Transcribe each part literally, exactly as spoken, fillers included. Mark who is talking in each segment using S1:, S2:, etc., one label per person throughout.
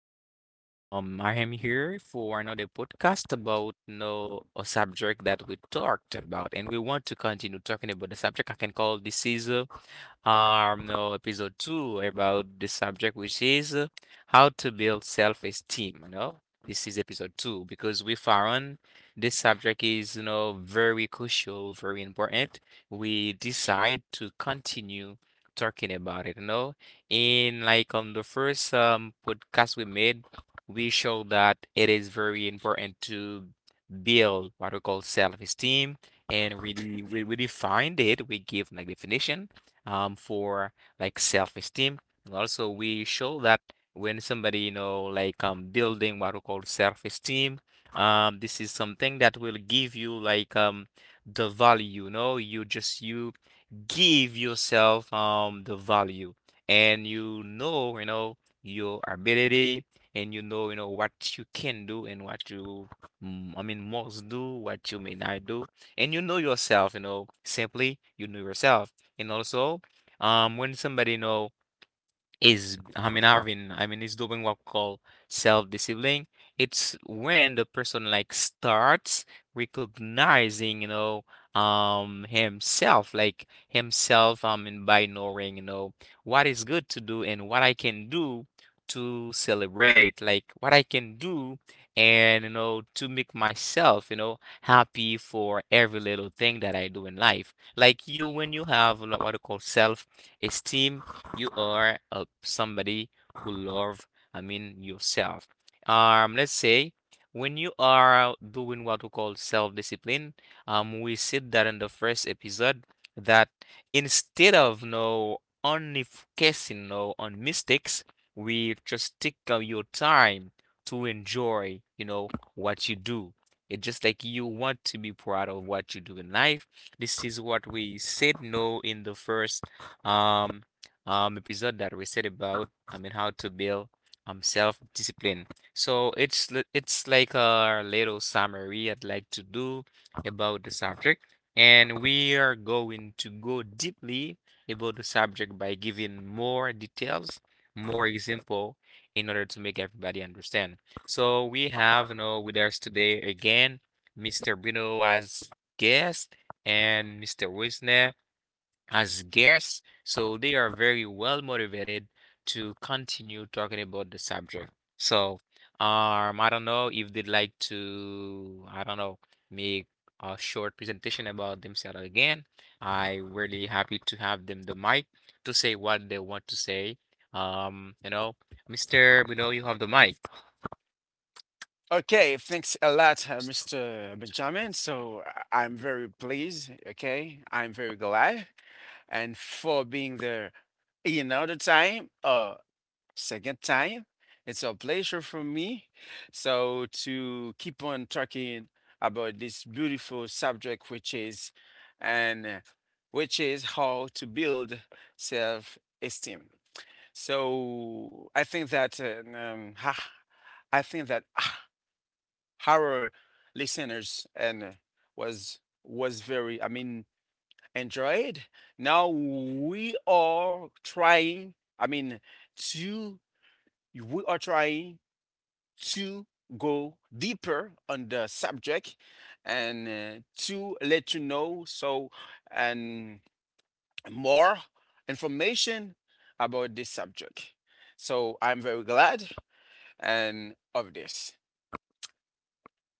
S1: here. You know, um, I am here for another podcast about you know a subject that we talked about, and we want to continue talking about the subject. I can call this is uh, our you episode two about the subject, which is uh, how to build self-esteem. You know, this is episode two because we found this subject is you know very crucial, very important. We decide to continue talking about it. You know, in like on the first um podcast we made, we showed that it is very important to build what we call self-esteem, and really we, we defined it, we give like definition um, for like self-esteem. And also we show that when somebody, you know, like um building what we call self-esteem, um, this is something that will give you like um the value. You know, you just you give yourself um the value, and you know you know your ability, and you know you know what you can do and what you mm, I mean must do, what you may not do, and you know yourself you know simply you know yourself. And also um when somebody you know is I mean Arvin. I mean is doing what we call self-discipline. It's when the person like starts recognizing, you know, um himself, like himself, I mean, by knowing, you know, what is good to do and what I can do to celebrate, like what I can do, and you know to make myself, you know, happy for every little thing that I do in life. Like you, when you have like what you call self-esteem, you are uh, somebody who love, I mean, yourself. Um, let's say when you are doing what we call self-discipline, um, we said that in the first episode that instead of no only focusing no on mistakes, we just take uh, your time to enjoy, you know, what you do. It's just like you want to be proud of what you do in life. This is what we said no in the first um um episode, that we said about, I mean, how to build um self-discipline. So it's li- it's like a little summary I'd like to do about the subject, and we are going to go deeply about the subject by giving more details, more example, in order to make everybody understand. So we have, you know with us today again, mister Bruno as guest and mister Wisner as scarce, so they are very well motivated to continue talking about the subject. So, um, I don't know if they'd like to, I don't know, make a short presentation about themselves again. I am really happy to have them the mic to say what they want to say. Um, you know, mister We know, you have the mic.
S2: Okay, thanks a lot, uh, mister Benjamin. So, uh, I'm very pleased. Okay, I'm very glad, and for being there another time, uh, second time. It's a pleasure for me. So to keep on talking about this beautiful subject, which is, and uh, which is how to build self-esteem. So I think that uh, um, ha- I think that ah, our listeners and was was very, I mean, enjoyed. Now we are trying, I mean, to we are trying to go deeper on the subject, and uh, to let you know, so and more information about this subject, so I'm very glad and of this.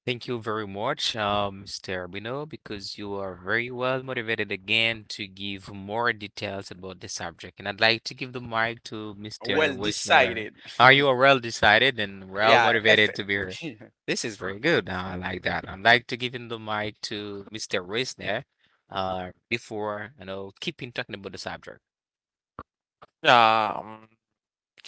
S1: Thank you very much, um, mister Arbino, because you are very well motivated again to give more details about the subject. And I'd like to give the mic to mister
S2: Well
S1: Wisner.
S2: decided.
S1: Are you well decided and well
S2: Yeah,
S1: motivated to be here?
S2: effectively.
S1: This is very good. Uh, I like that. I'd like to give him the mic to mister Wisner, uh, before, you know, keeping talking about the subject.
S3: Yeah, um,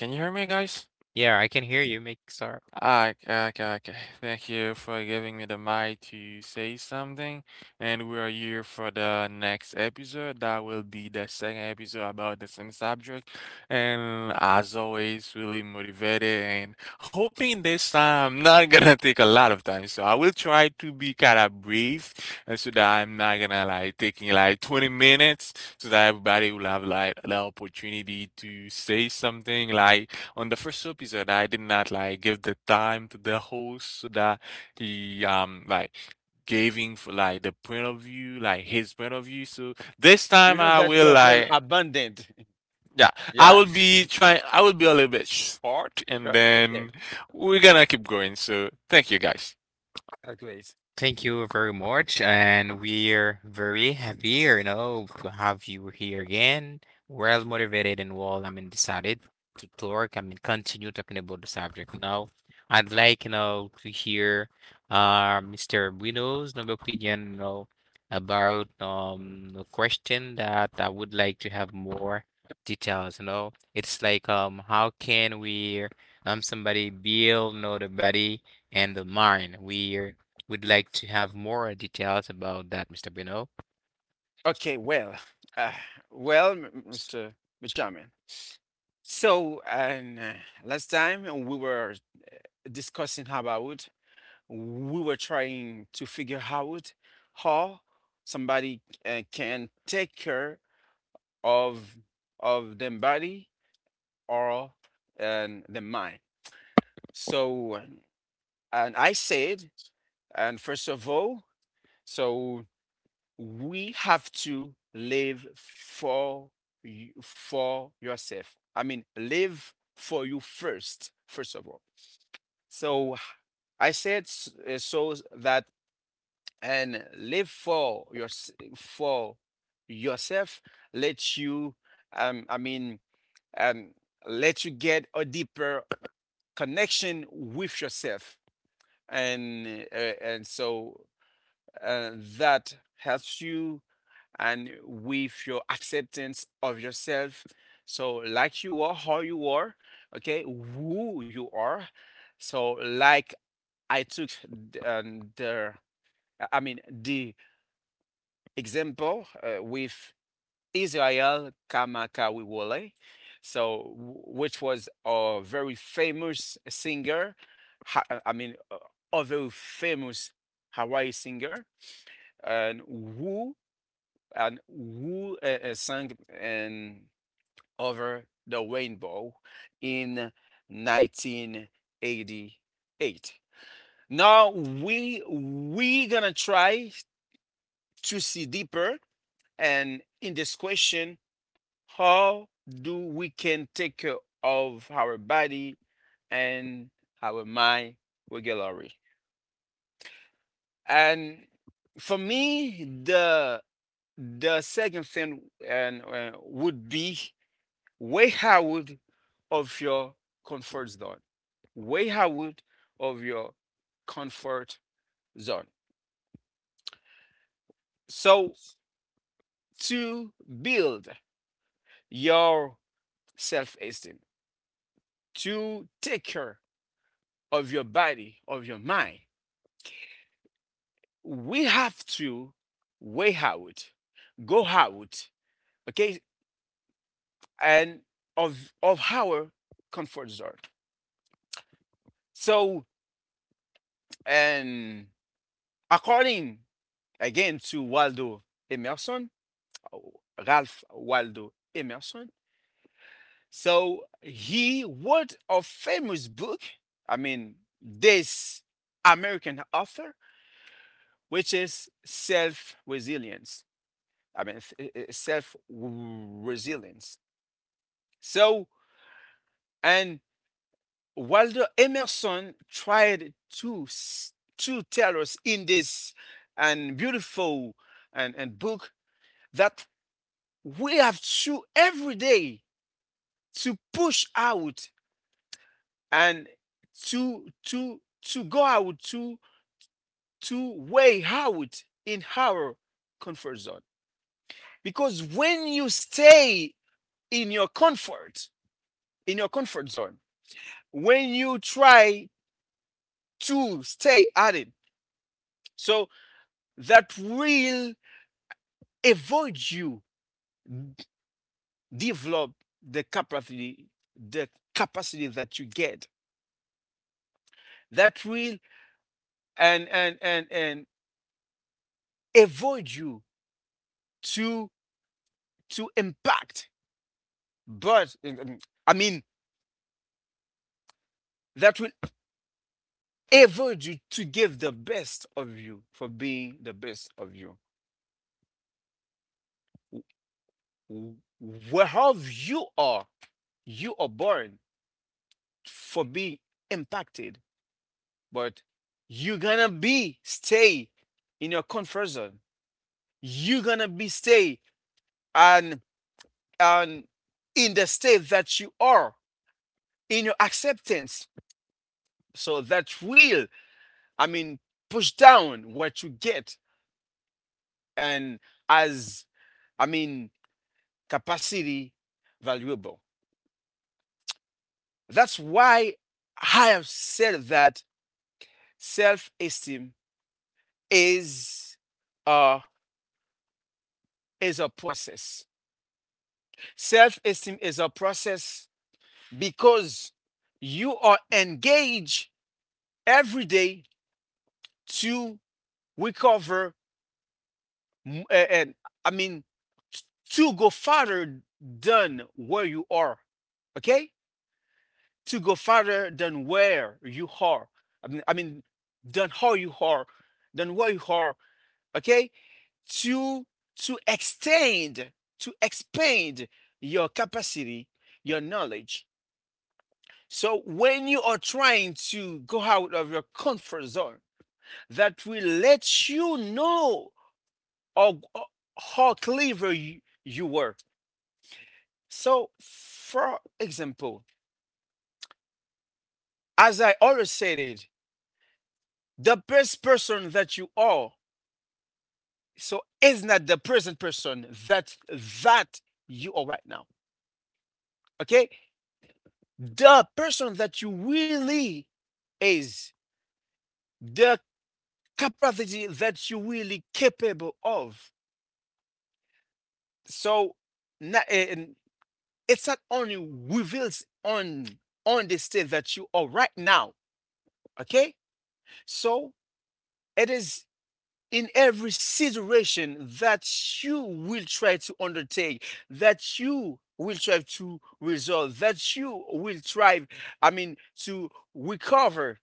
S3: can you hear me, guys?
S1: Yeah, I can hear you, make sir.
S3: Ah, okay, okay, okay. Thank you for giving me the mic to say something. And we are here for the next episode. That will be the second episode about the same subject. And as always, really motivated and hoping this time not gonna take a lot of time. So I will try to be kind of brief and so that I'm not gonna like taking like 20 minutes so that everybody will have like the opportunity to say something like on the first episode. I did not like give the time to the host so that he um like giving for like the point of view, like his point of view. So this
S2: We
S3: time
S2: know
S3: I
S2: that you
S3: will
S2: are very
S3: like
S2: abundant.
S3: yeah, I
S2: Yeah.
S3: will be trying I will be a little bit short and
S2: Right.
S3: then
S2: Okay.
S3: we're gonna keep going. So thank you guys.
S2: That's great.
S1: Thank you very much, and we're very happy, you know, to have you here again. Well motivated and well, I mean, decided to talk. I mean, continue talking about the subject. Now, I'd like, you know, to hear, uh, mister Bruno's, you know, opinion, you know, about um a question that I would like to have more details. You know, it's like um, how can we um somebody build, you know, the body and the mind? We would like to have more details about that, mister Bruno.
S2: Okay. Well, uh, well, m- mister Benjamin. So, and uh, last time we were discussing about we were trying to figure out how somebody uh, can take care of of their body or and the mind. So, and I said, and first of all, so we have to live for you, for yourself. I mean, live for you first, first of all. So I said, uh, so that, and live for your, for yourself. Let you, um, I mean, um, let you get a deeper connection with yourself, and uh, and so uh, that helps you and with your acceptance of yourself. So, like you are, how you are, okay, who you are. So, like I took th- um, the, I mean, the example uh, with Israel Kamakawiwole, so, which was a very famous singer. ha- uh, I mean, uh, a very famous Hawaii singer, and who and who uh, uh, sang and over the rainbow in nineteen eighty-eight. Now we we gonna try to see deeper and in this question, how do we can take care of our body and our mind regularly? And for me, the the second thing, and uh, would be way out of your comfort zone. Way out of your comfort zone. So, to build your self-esteem, to take care of your body, of your mind, we have to way out, go out, okay, and of of our comfort zone. So, and according again to Waldo Emerson, Ralph Waldo Emerson. So he wrote a famous book, I mean, this American author, which is Self Resilience. I mean, self resilience. So, and Waldo Emerson tried to to tell us in this, and beautiful and, and book, that we have to every day to push out and to to to go out to to way out in our comfort zone, because when you stay in your comfort in your comfort zone, when you try to stay at it, so that will avoid you develop the capacity the capacity that you get, that will and and and and avoid you to to impact. But, um, I mean, that will evolve you to give the best of you for being the best of you. W- Whereof you are, you are born for being impacted, but you're gonna be stay in your comfort zone. You're gonna be stay, and and in the state that you are in your acceptance. So that will, I mean, push down what you get and, as I mean, capacity valuable. That's why I have said that self-esteem is a is a process. Self-esteem is a process, because you are engaged every day to recover, and, I mean, to go further than where you are. Okay? To go farther than where you are. I mean, I mean, than how you are, than where you are. Okay, to to extend, to expand your capacity, your knowledge. So when you are trying to go out of your comfort zone, that will let you know how, how clever you, you were. So, for example, as I always said it, the best person that you are. So it's not the present person that that you are right now. Okay? The person that you really is the capacity that you really capable of. So, na- and it's not only reveals on on the state that you are right now. Okay? So it is in every situation that you will try to undertake, that you will try to resolve, that you will try, I mean, to recover.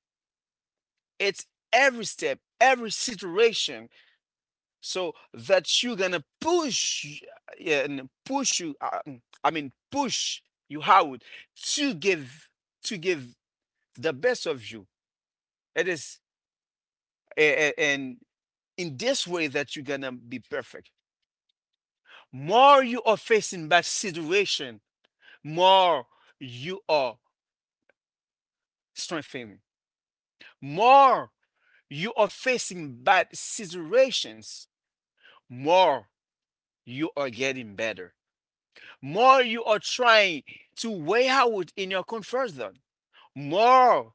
S2: It's every step, every situation. So that you're gonna push, yeah, and push you, uh, mm, I mean, push you out to give, to give the best of you. It is, and in this way that you're gonna be perfect. More you are facing bad situation, more you are strengthening. More you are facing bad situations, more you are getting better. More you are trying to weigh out in your comfort zone, more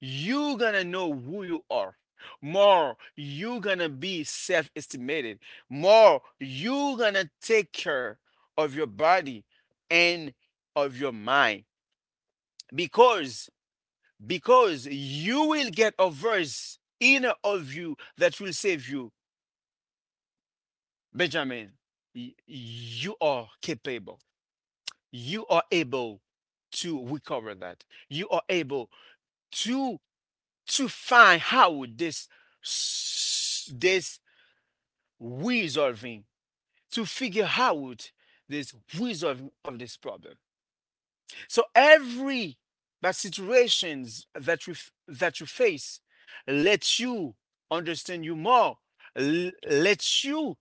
S2: you gonna know who you are. More you gonna be self-estimated. More you gonna take care of your body and of your mind, because because you will get a verse in of you that will save you, Benjamin. Y- you are capable, you are able to recover, that you are able to to find how this, s- this resolving, to figure out this resolving of this problem. So every that situations that you that you face lets you understand you more, l- lets you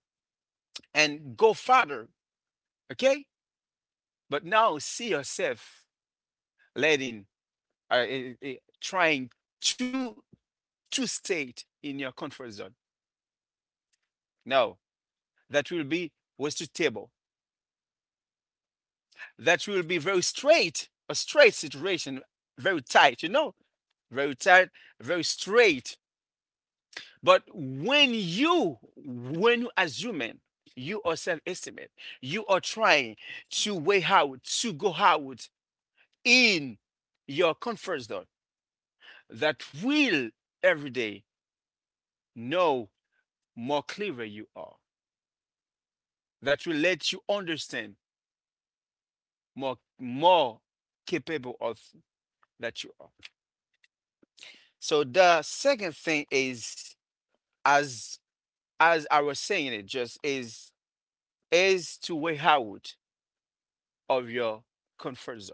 S2: and go further. Okay, but now see yourself letting, uh, eh, eh, eh, trying to to stay in your comfort zone. No, that will be wasted table. That will be very straight, a straight situation, very tight. You know, very tight, very straight. But when you, when you as human, you are self-estimate, you are trying to way out, to go out in your comfort zone, that will every day know more clever you are, that will let you understand more, more capable of that you are. So the second thing is, as as I was saying it, just is is to way out of your comfort zone.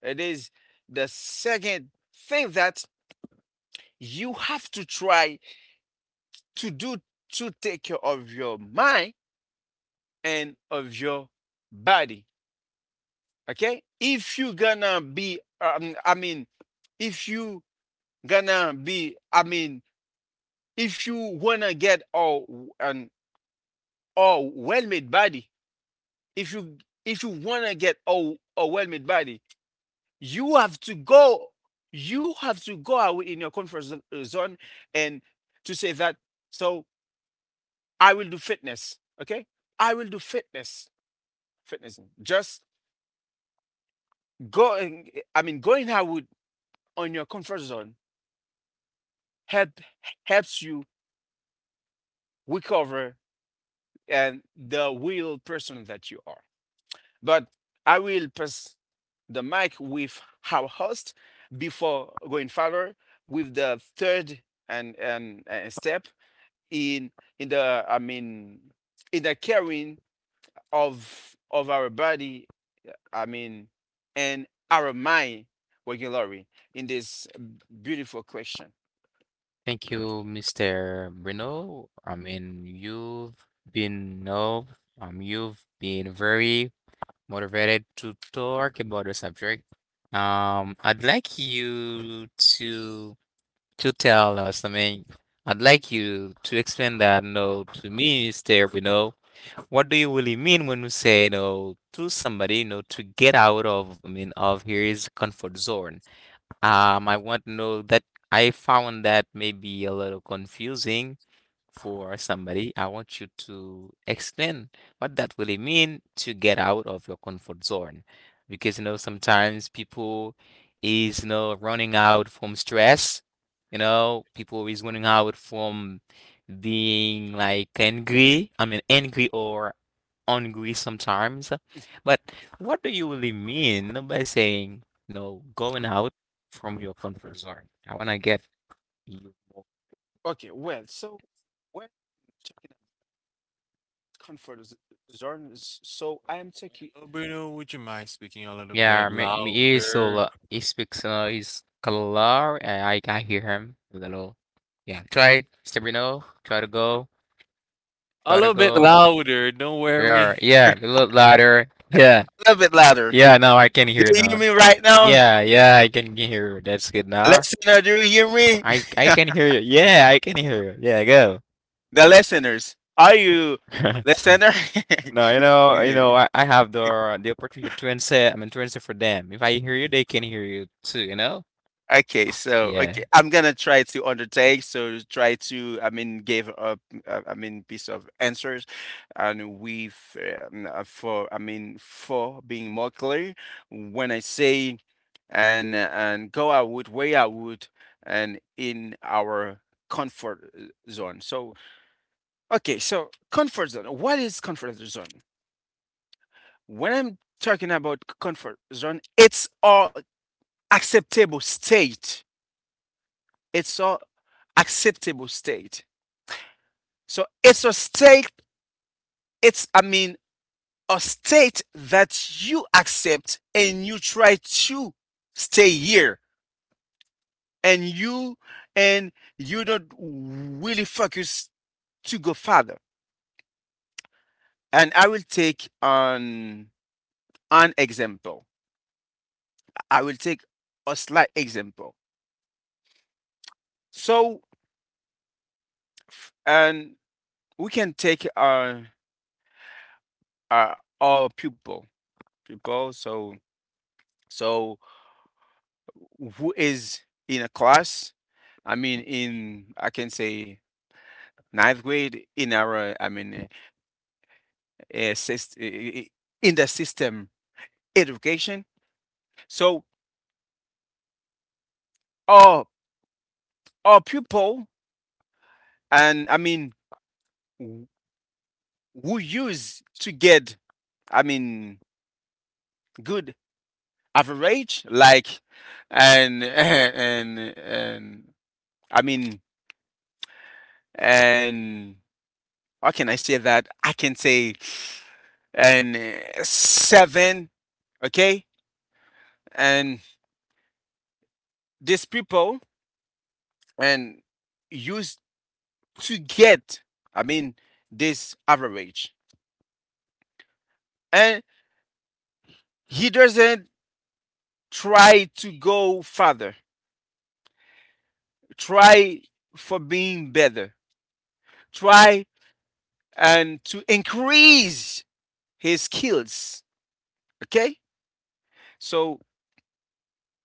S2: It is the second thing that you have to try to do to take care of your mind and of your body. Okay? If you gonna be, um, I mean, if you gonna be, I mean, if you wanna get all an all well-made body, if you if you wanna get all a well-made body, you have to go. You have to go away in your comfort zo- uh, zone, and to say that. So I will do fitness. Okay, I will do fitness. Fitness. Just going. I mean, going out on your comfort zone, help helps you recover and the real person that you are. But I will pass the mic with our host before going further with the third, and, and, and step in in the, I mean, in the caring of of our body, I mean, and our mind, regularly, in this beautiful question.
S1: Thank you, mister Bruno. I mean, you've been no, um, you've been very motivated to talk about the subject. Um, I'd like you to to tell us. I mean, I'd like you to explain that no to me, mister Bruno. What do you really mean when you say no to somebody, you know, to get out of, I mean, of his comfort zone? Um, I want to know that. I found that maybe a little confusing for somebody. I want you to explain what that really mean, to get out of your comfort zone. Because you know sometimes people is you know running out from stress. You know, people is running out from being like angry. I mean angry or angry sometimes. But what do you really mean by saying, you know, going out from your comfort zone? I wanna get you more.
S2: Okay, well, so when talking about comfort z- zone, s- so I am taking.
S3: Bruno, would you mind speaking a little bit
S1: Yeah, me, me he's so
S3: louder?
S1: uh, he speaks uh he's color and I can hear him a little. Yeah, try Stabino, try to go,
S3: A
S1: try to
S3: little bit
S1: go.
S3: louder, don't
S1: Yeah,
S3: worry.
S1: yeah, a
S2: A
S1: little louder. Yeah,
S2: little bit louder.
S1: yeah, now I can
S2: Do
S1: hear
S2: you hear
S1: now.
S2: me right now?
S1: Yeah, yeah, I can hear. That's good now.
S2: Listener, do you hear me?
S1: I I can hear you. Yeah, I can hear you. Yeah,
S2: The listeners. Are you
S1: go.
S2: listener?
S1: No, you know, you know, I, I have the the opportunity to answer. I'm to answer for them. If I hear you, they can hear you too. You know?
S2: Okay, so okay,
S1: Yeah.
S2: I'm gonna try to undertake. So try to, I mean, give up, uh, I mean, piece of answers, and with um, uh, for, I mean, for being more clear, when I say, and and go out with way I would, and in our comfort, uh, zone. So, okay, so comfort zone. What is comfort zone? When I'm talking about comfort zone, it's our acceptable state. It's all acceptable state. So it's a state, it's, I mean, a state that you accept and you try to stay here, and you and you don't really focus to go further. And I will take an an example. I will take a slight example. So, and we can take our our, our pupil people. So, so who is in a class, I mean, in, I can say, ninth grade, in our, I mean, uh, syst- i- in the system education. So, our our pupil, and I mean, w- who use to get, I mean, good average, like, and and and I mean and, how can I say that? I can say, and uh, seven, okay? And these people, and used to get, I mean, this average. And he doesn't try to go further, try for being better, try and to increase his skills, okay? So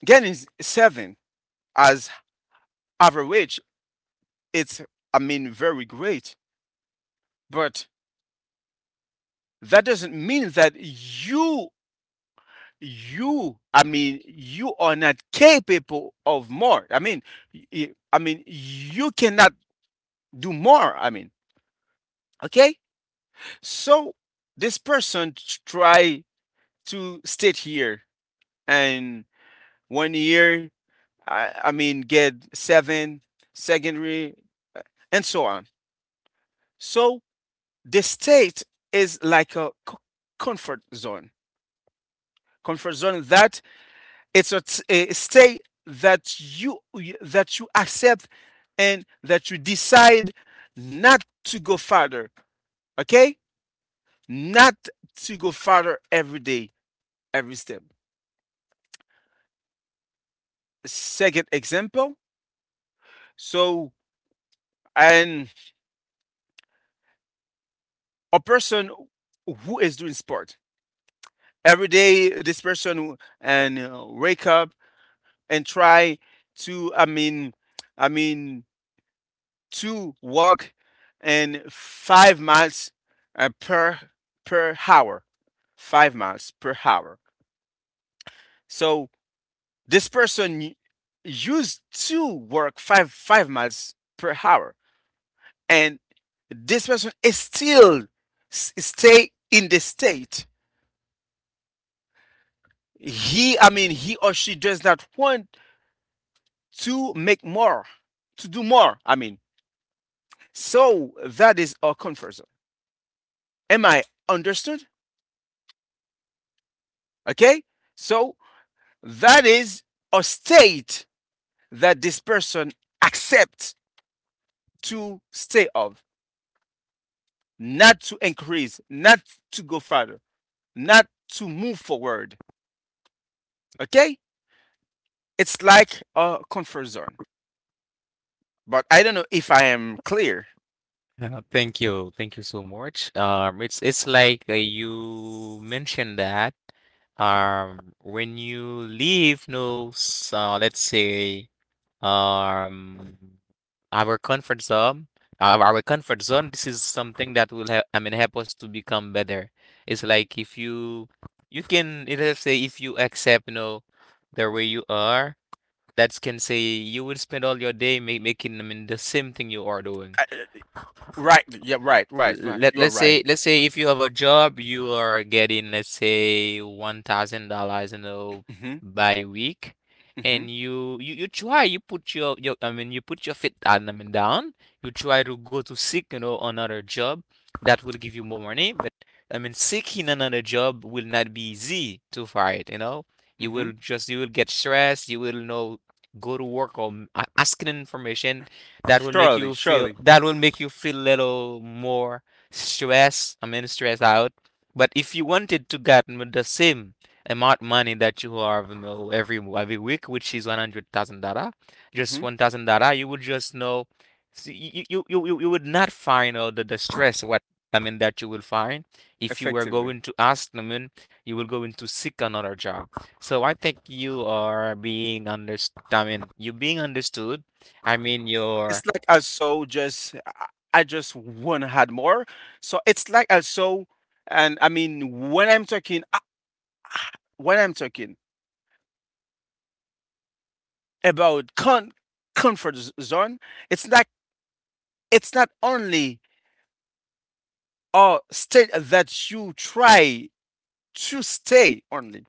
S2: getting seven as average, it's, I mean, very great. But that doesn't mean that you you, I mean, you are not capable of more, I mean, y- y- I mean, you cannot do more, I mean, okay. So this person, t- try to stay here, and one year, i, I mean, get seven, secondary, uh, and so on. So the state is like a co- comfort zone, comfort zone that. It's a t- a state that you that you accept, and that you decide not to go farther. Okay, not to go farther every day, every step. Second example. So, and a person who is doing sport every day, this person, and uh, wake up and try to. I mean, I mean, to walk and five miles uh, per per hour. Five miles per hour. So this person y- used to work five five miles per hour, and this person is still s- stay in the state. He, I mean, he or she does not want to make more, to do more. I mean, So that is our comfort zone. Am I understood? Okay. So that is a state that this person accepts to stay of, not to increase, not to go further, not to move forward. Okay? It's like a comfort zone. But I don't know if I am clear.
S1: Uh, thank you. Thank you so much. Um, it's it's like uh, you mentioned that um when you leave, no, s- uh, let's say um our comfort zone, our, our comfort zone, this is something that will help, I mean, help us to become better. It's like if you, you can, it will say, if you accept, you know the way you are, that can say you will spend all your day ma- making, I mean, the same thing you are doing.
S2: I, uh, right. Yeah, right, right, right.
S1: let
S2: You are
S1: let's say
S2: right.
S1: let's say if you have a job, you are getting, let's say, one thousand dollars, you know
S2: Mm-hmm.
S1: by week,
S2: Mm-hmm.
S1: and you you you try, you put your your I mean you put your feet down, I mean, down. You try to go to seek you know another job that will give you more money, but, I mean, seeking another job will not be easy to find. You know you will
S2: Mm-hmm.
S1: just, you will get stressed. You will, you know go to work or m- a- asking information that will make you
S2: Surely,
S1: feel,
S2: surely.
S1: that will make you feel little more stress, I mean, stress out. But if you wanted to get m- the same amount money that you have, you know, every w- every week, which is one hundred thousand dollars, just
S2: Mm-hmm.
S1: one thousand dollars, you would just know, see, you, you you you you would not find all the, the stress what, I mean, that you will find if you were
S2: Effectively.
S1: going to ask them in, you will go into seek another job. So I think you are being understood, I mean, you being understood. I mean, you're,
S2: It's like I so just I I just want had more. So it's like I so, and I mean when I'm talking uh, when I'm talking about con comfort z- zone, it's like it's not only a state that you try to stay only,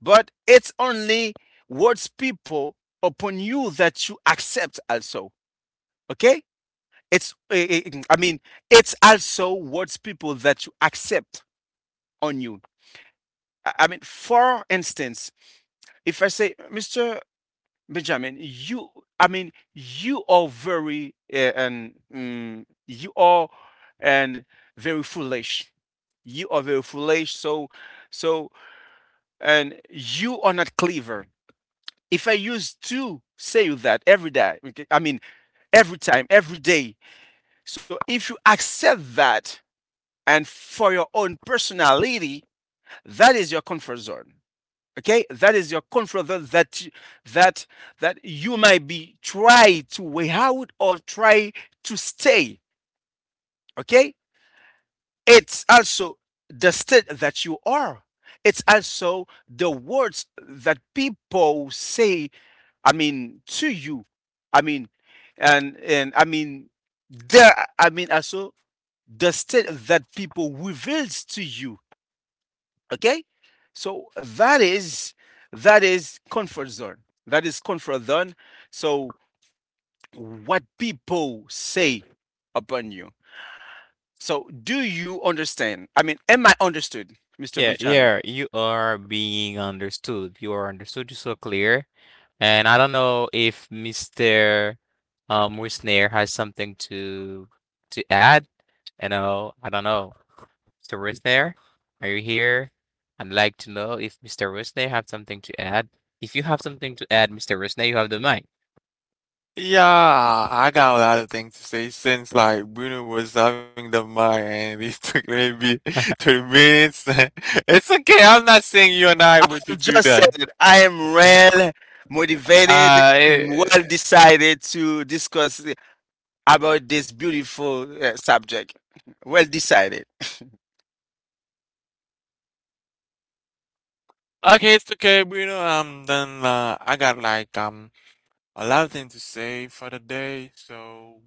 S2: but it's only words people upon you that you accept also. Okay, it's eh, eh, I mean it's also words people that you accept on you. I I mean, for instance, if I say, mister Benjamin, you, I mean, you are very, uh, and mm, you are, and very foolish. You are very foolish. So, so, and you are not clever. If I used to say that every day, okay, I mean, every time, every day. So if you accept that, and for your own personality, that is your comfort zone. Okay, that is your confidence that that that you might be try to way out or try to stay. Okay, it's also the state that you are, it's also the words that people say, i mean to you. I mean and and I mean There, i mean also, the state that people reveals to you. Okay, so that is, that is comfort zone, that is comfort zone. So what people say upon you. So do you understand? I mean am I understood, Mr.
S1: yeah,
S2: Benjamin?
S1: yeah, you are being understood. You are understood. You're so clear. And I don't know if mister Um, Wisner has something to to add. You know, I don't know. mister Wisner, are you here? I'd like to know if mister Wisner have something to add. If you have something to add, mister Wisner, you have the mic.
S3: Yeah, I got a lot of things to say since like Bruno was having the mic and it took maybe 30 minutes. It's okay. I'm not saying you and I were to
S2: You
S3: do
S2: just said
S3: that.
S2: it. I am well motivated,
S3: Uh,
S2: well
S3: it,
S2: decided to discuss about this beautiful uh, subject, well decided.
S3: okay, it's okay, Bruno. Um, then uh, I got like um a lot of things to say for the day, so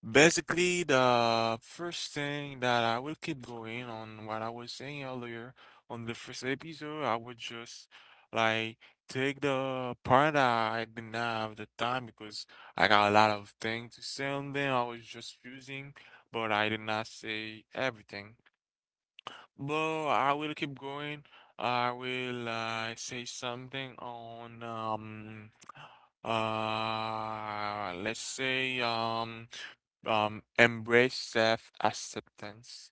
S3: basically, the first thing that I will keep going on what I was saying earlier on the first episode, I would just like take the part that I didn't have the time because I got a lot of things to say on them. I was just using, but I did not say everything. But I will keep going. I will uh, say something on um uh let's say um um, embrace self-acceptance.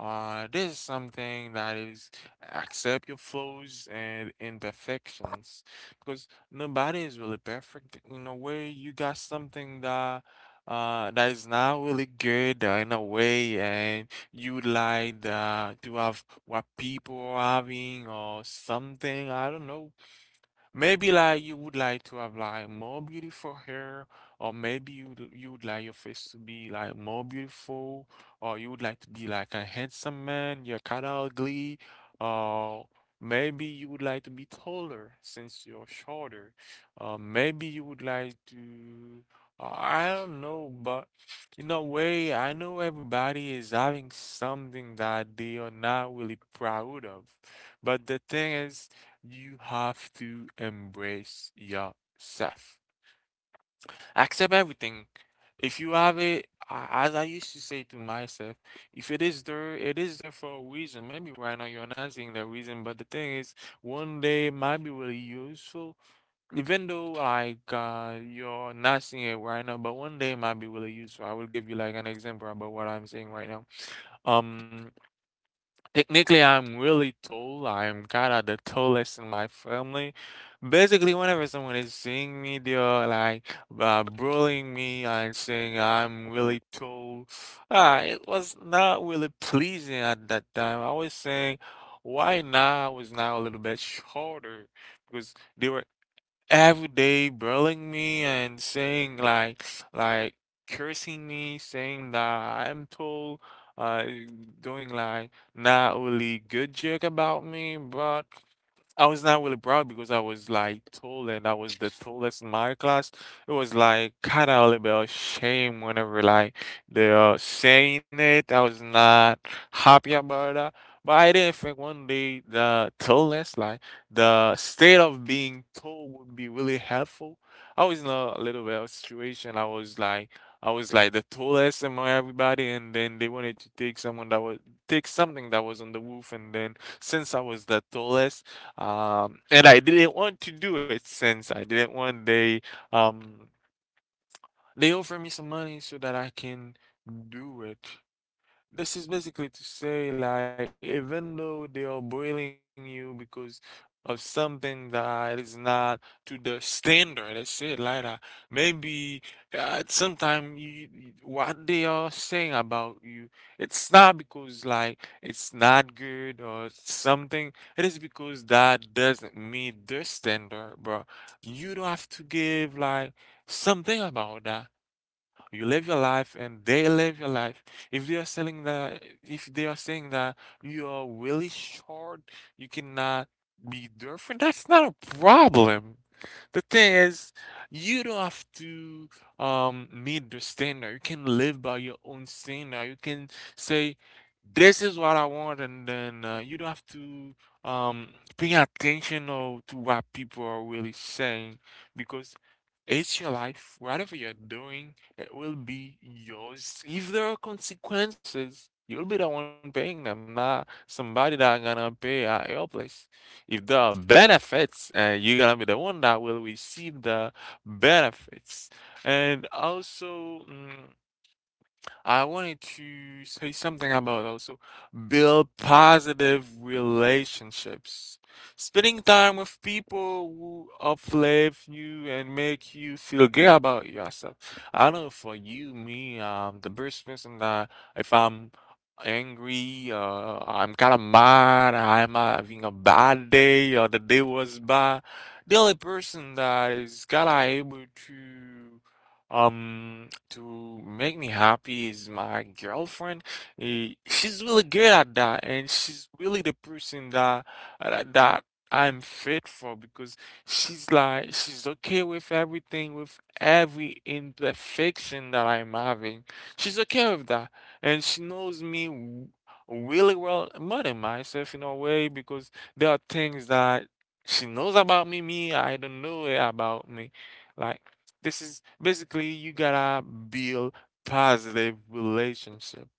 S3: Uh, this is something that is accept your flaws and imperfections because nobody is really perfect. In a way, you got something that uh that is not really good uh, in a way, and you would like uh, to have what people are having or something. I don't know. Maybe like you would like to have like more beautiful hair, or maybe you you would like your face to be like more beautiful, or you would like to be like a handsome man, you're kind of ugly, or maybe you would like to be taller since you're shorter, uh, maybe you would like to, uh, I don't know, but in a way, I know everybody is having something that they are not really proud of, but the thing is. You have to embrace yourself. Accept everything. If you have it, a- as I used to say to myself, if it is there, it is there for a reason. Maybe right now you're not seeing the reason, but the thing is, one day it might be really useful. Even though like uh, you're not seeing it right now, but one day it might be really useful. I will give you like an example about what I'm saying right now. Um, Technically, I'm really tall. I'm kinda the tallest in my family. Basically, whenever someone is seeing me, they're like uh, bullying me and saying I'm really tall. Ah, it was not really pleasing at that time. I was saying, why not? I was now a little bit shorter because they were every day bullying me and saying like like cursing me saying that I'm told, uh doing like not really good joke about me. But I was not really proud because I was like tall and I was the tallest in my class. It was like kind of a little bit of shame whenever like they're saying it. I was not happy about that. But I didn't think one day the tallness, like the state of being tall would be really helpful. I was in a little bit of a situation. I was like I was like the tallest among everybody and then they wanted to take someone that was take something that was on the roof, and then since I was the tallest um, and I didn't want to do it since I didn't want they um they offer me some money so that I can do it. This is basically to say, like, even though they are bullying you because of something that is not to the standard, that's it, like that. Maybe uh, sometime you, you- what they are saying about you, it's not because like it's not good or something. It is because that doesn't meet the standard, bro. You don't have to give like something about that. You live your life and they live your life. If they are selling that, if they are saying that you are really short, you cannot be there for that's not a problem. The thing is, you don't have to um meet the standard. You can live by your own standard. You can say, "This is what I want," and then uh, you don't have to um pay attention or to what people are really saying because it's your life. Whatever you're doing, it will be yours. If there are consequences, you'll be the one paying them, not somebody that gonna pay at your place. If there are benefits, uh, you're gonna be the one that will receive the benefits. And also, mm, I wanted to say something about also build positive relationships. Spending time with people who uplift you and make you feel good about yourself. I know for you, me, um, the best person that if I'm angry, uh, I'm kind of mad, I'm having a bad day, or the day was bad, the only person that is kind of able to um, to make me happy is my girlfriend. Eh, She's really good at that, and she's really the person that that that I'm fit for because she's like she's okay with everything, with every imperfection that I'm having. She's okay with that, and she knows me w- really well, more than myself in a way, because there are things that she knows about me, me I don't know about me, like. This is basically you gotta build positive relationships.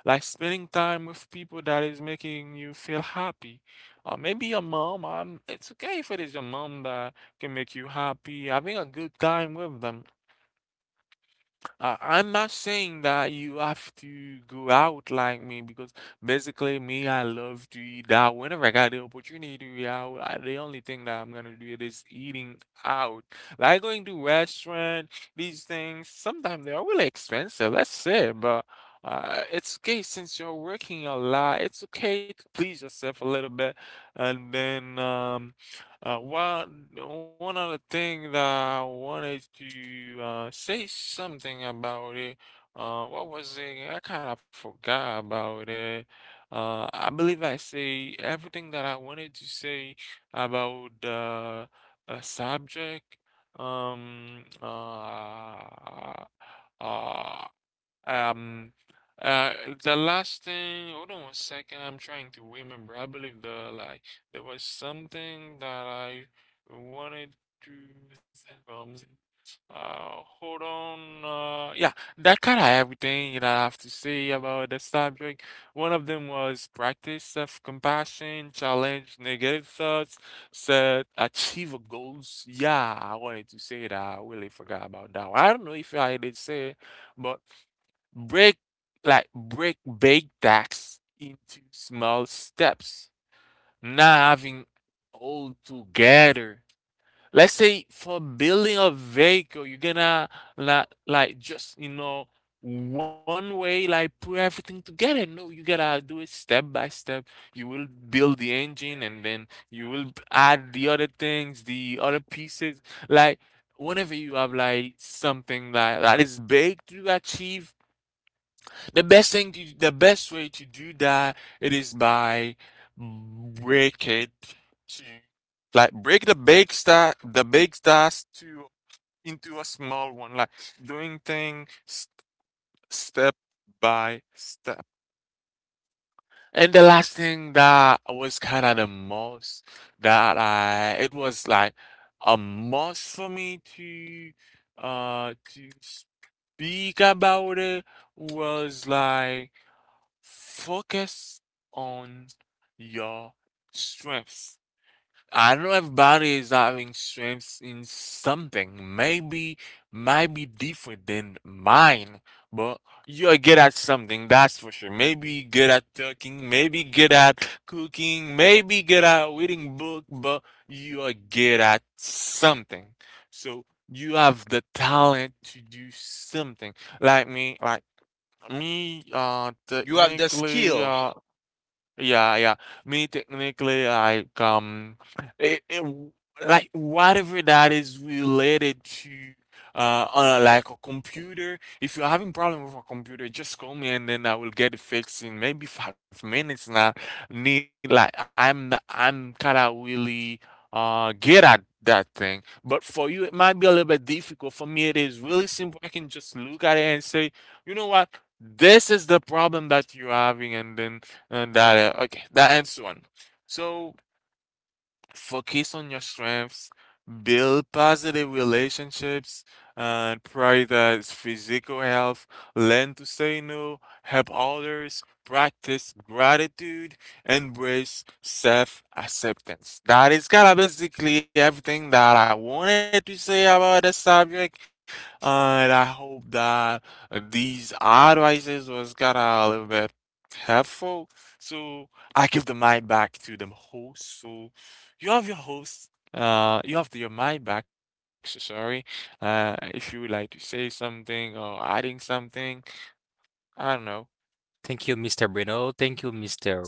S3: Like spending time with people that is making you feel happy. Or maybe your mom, um, it's okay if it is your mom that can make you happy. Having a good time with them. I I'm not saying that you have to go out like me because basically me, I love to eat out. Whenever I got the opportunity to eat out, I, the only thing that I'm gonna do is eating out. Like going to restaurant, these things, sometimes they are really expensive, let's say, but uh, it's okay since you're working a lot, it's okay to please yourself a little bit and then um uh, one one other thing that I wanted to uh, say something about it. Uh, what was it? I kind of forgot about it. Uh, I believe I say everything that I wanted to say about the uh, subject. Um, uh, uh, um, uh, the last thing, hold on one second, I'm trying to remember. I believe the like there was something that I wanted to say, um, uh, hold on. Uh, yeah, that kind of everything that I have to say about the subject. One of them was practice self-compassion, challenge negative thoughts, set achievable goals. Yeah, I wanted to say that. I really forgot about that one. I don't know if I did say it, but. Break like break big tasks into small steps, not having all together. Let's say for building a vehicle, you're gonna like like just you know one way like put everything together. No, you gotta do it step by step. You will build the engine and then you will add the other things, the other pieces. Like whenever you have like something that, that is big to achieve the best thing to, the best way to do that it is by break it to like break the big star the big stars to into a small one like doing things st- step by step. And the last thing that was kind of the most that I it was like a must for me to uh to speak about it was like focus on your strengths. I know everybody is having strengths in something. Maybe might be different than mine, but you're good at something, that's for sure. Maybe good at talking, maybe good at cooking, maybe good at reading book, but you are good at something. So you have the talent to do something. Like me, like me, uh,
S2: You have the
S3: technically,
S2: skill.
S3: uh, yeah, yeah. Me technically, like um, it, it, w- like whatever that is related to uh, uh like a computer. If you're having problem with a computer, just call me and then I will get it fixed in maybe five minutes. And I need like I'm the, I'm kind of really uh good at that thing. But for you, it might be a little bit difficult. For me, it is really simple. I can just look at it and say, you know what, this is the problem that you're having, and then. And that uh, okay, that ends one. So focus on your strengths, build positive relationships, and prioritize physical health, learn to say no, help others, practice gratitude, embrace self-acceptance. That is kind of basically everything that I wanted to say about the subject, and I hope that these advices was kind of a little bit helpful. So I give the mic back to the host, so you have your host. Uh, you have your my back. So sorry. Uh, if you would like to say something or adding something, I don't know.
S1: Thank you, mister Bruno. Thank you, mister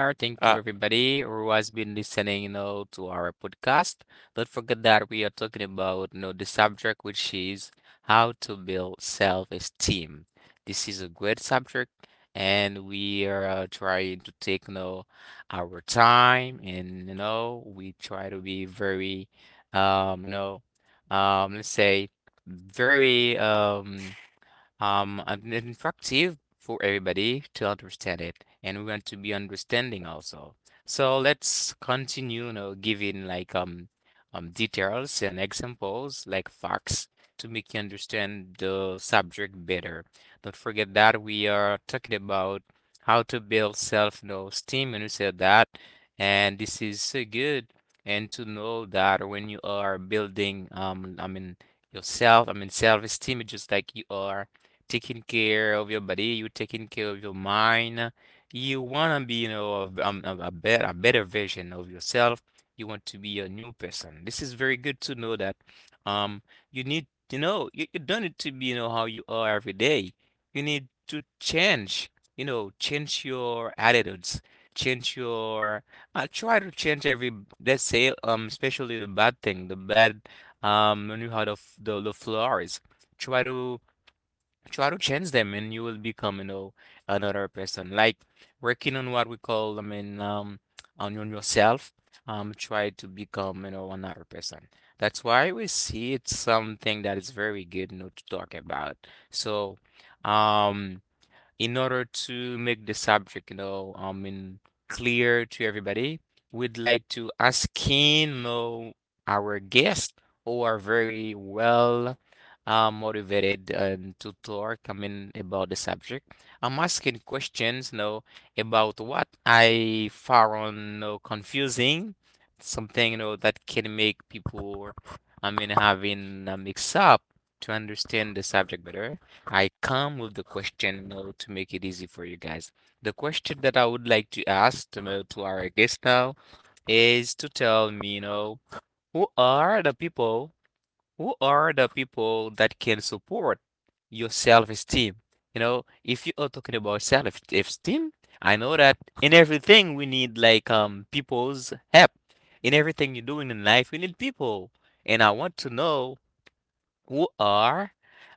S3: Uh,
S1: Thank you, everybody who has been listening, you know, to our podcast. Don't forget that we are talking about, you know, the subject, which is how to build self-esteem. This is a great subject, and we are uh, trying to take, you know, our time, and you know, we try to be very, um, you know, um, let's say, very, um. Um, and it's instructive for everybody to understand it, and we want to be understanding also. So let's continue, you know, giving like um, um details and examples like facts to make you understand the subject better. Don't forget that we are talking about how to build self, you know, esteem, and we said that, and this is so good. And to know that when you are building, um, I mean, yourself, I mean, self-esteem, it's just like you are taking care of your body, you taking care of your mind. You wanna be, you know, a, v- um, a, a better, a better version of yourself. You want to be a new person. This is very good to know that um you need, you know you, you don't need to be, you know, how you are every day. You need to change, you know, change your attitudes, change your uh, try to change every, let's say, um especially the bad thing, the bad um when you heard of the the flaws. Try to try to change them, and you will become, you know, another person. Like working on what we call, I mean, um, on on yourself, um, try to become, you know, another person. That's why we see it's something that is very good, you know, to talk about. So, um, in order to make the subject, you know, I mean, clear to everybody, we'd like to ask in, you know, our guest, who are very well uh, motivated and to talk, I mean, about the subject. I'm asking questions, you know, about what I found, you know, confusing, something, you know, that can make people, I mean, having a mix up to understand the subject better. I come with the question now to make it easy for you guys. The question that I would like to ask to, know, to our guest now is to tell me, you know, who are the people, who are the people that can support your self-esteem? You know, if you are talking about self-esteem, I know that in everything we need like um people's help. In everything you're doing in life, we need people. And I want to know who are,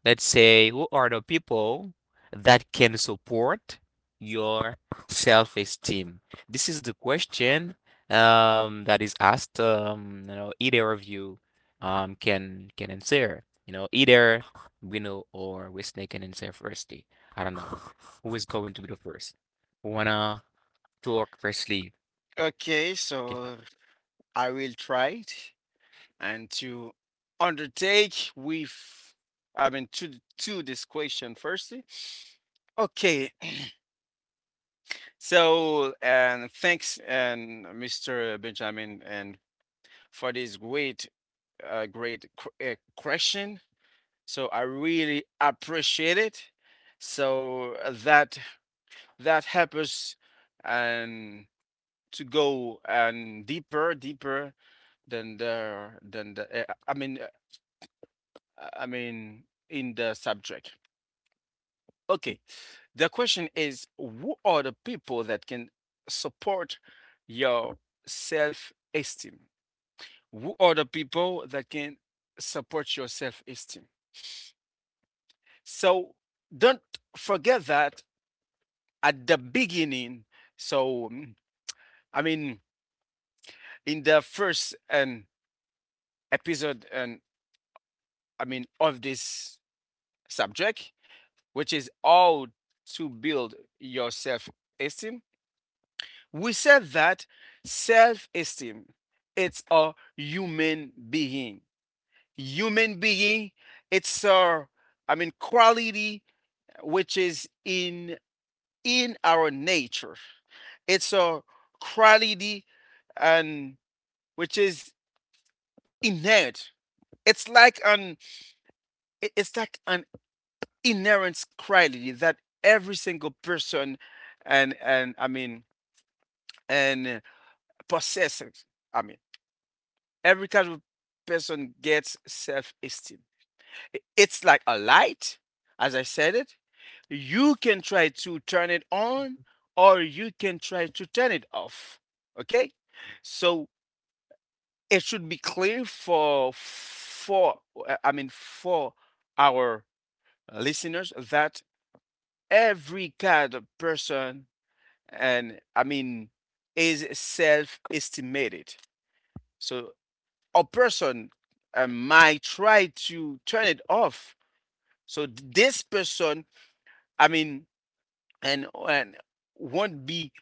S1: let's say, who are the people that can support your self-esteem? This is the question um, that is asked. Um, you know, either of you um, can can answer. You know, either Bruno or Wesley can answer firstly. I don't know who is going to be the first. Who wanna talk firstly?
S2: Okay,
S1: Okay.
S2: so I will try it and to undertake with, I mean, to to this question firstly. Okay, so and thanks and mister Benjamin and for this great, uh, great qu- uh, question. So I really appreciate it. So uh, that that helps us and to go and deeper, deeper than the than the uh, I mean uh, I mean in the subject. Okay, the question is who are the people that can support your self-esteem? Who are the people that can support your self-esteem? So don't forget that at the beginning. So mm, I mean in the first um, episode and I mean of this subject which is how to build your self-esteem. We said that self-esteem it's a human being. Human being it's a I mean quality which is in in our nature. It's a quality and which is innate. It's like an it's like an inherent quality that every single person and and I mean and possesses. I mean, every casual person gets self esteem. It's like a light, as I said it. You can try to turn it on or you can try to turn it off. Okay? So it should be clear for for uh, I mean for our listeners that every kind of person and I mean is self-estimated. So a person uh, might try to turn it off. So this person, I mean, and and won't be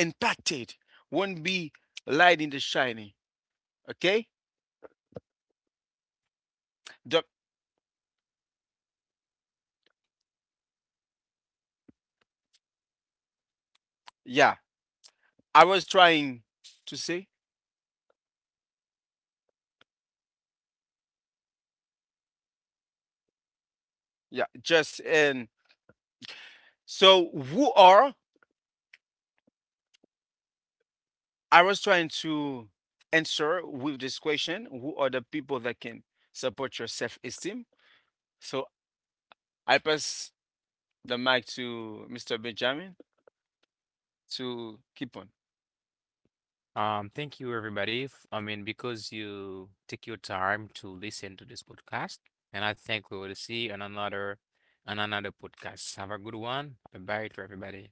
S2: impacted, won't be light in the shining. Okay, the, yeah. I was trying to say, yeah, just and so who are, I was trying to answer with this question: who are the people that can support your self-esteem? So I pass the mic to mister Benjamin to keep on.
S1: Um, thank you, everybody. f- I mean, because you take your time to listen to this podcast, and I think we will see you on another on another podcast. Have a good one. Bye bye to everybody.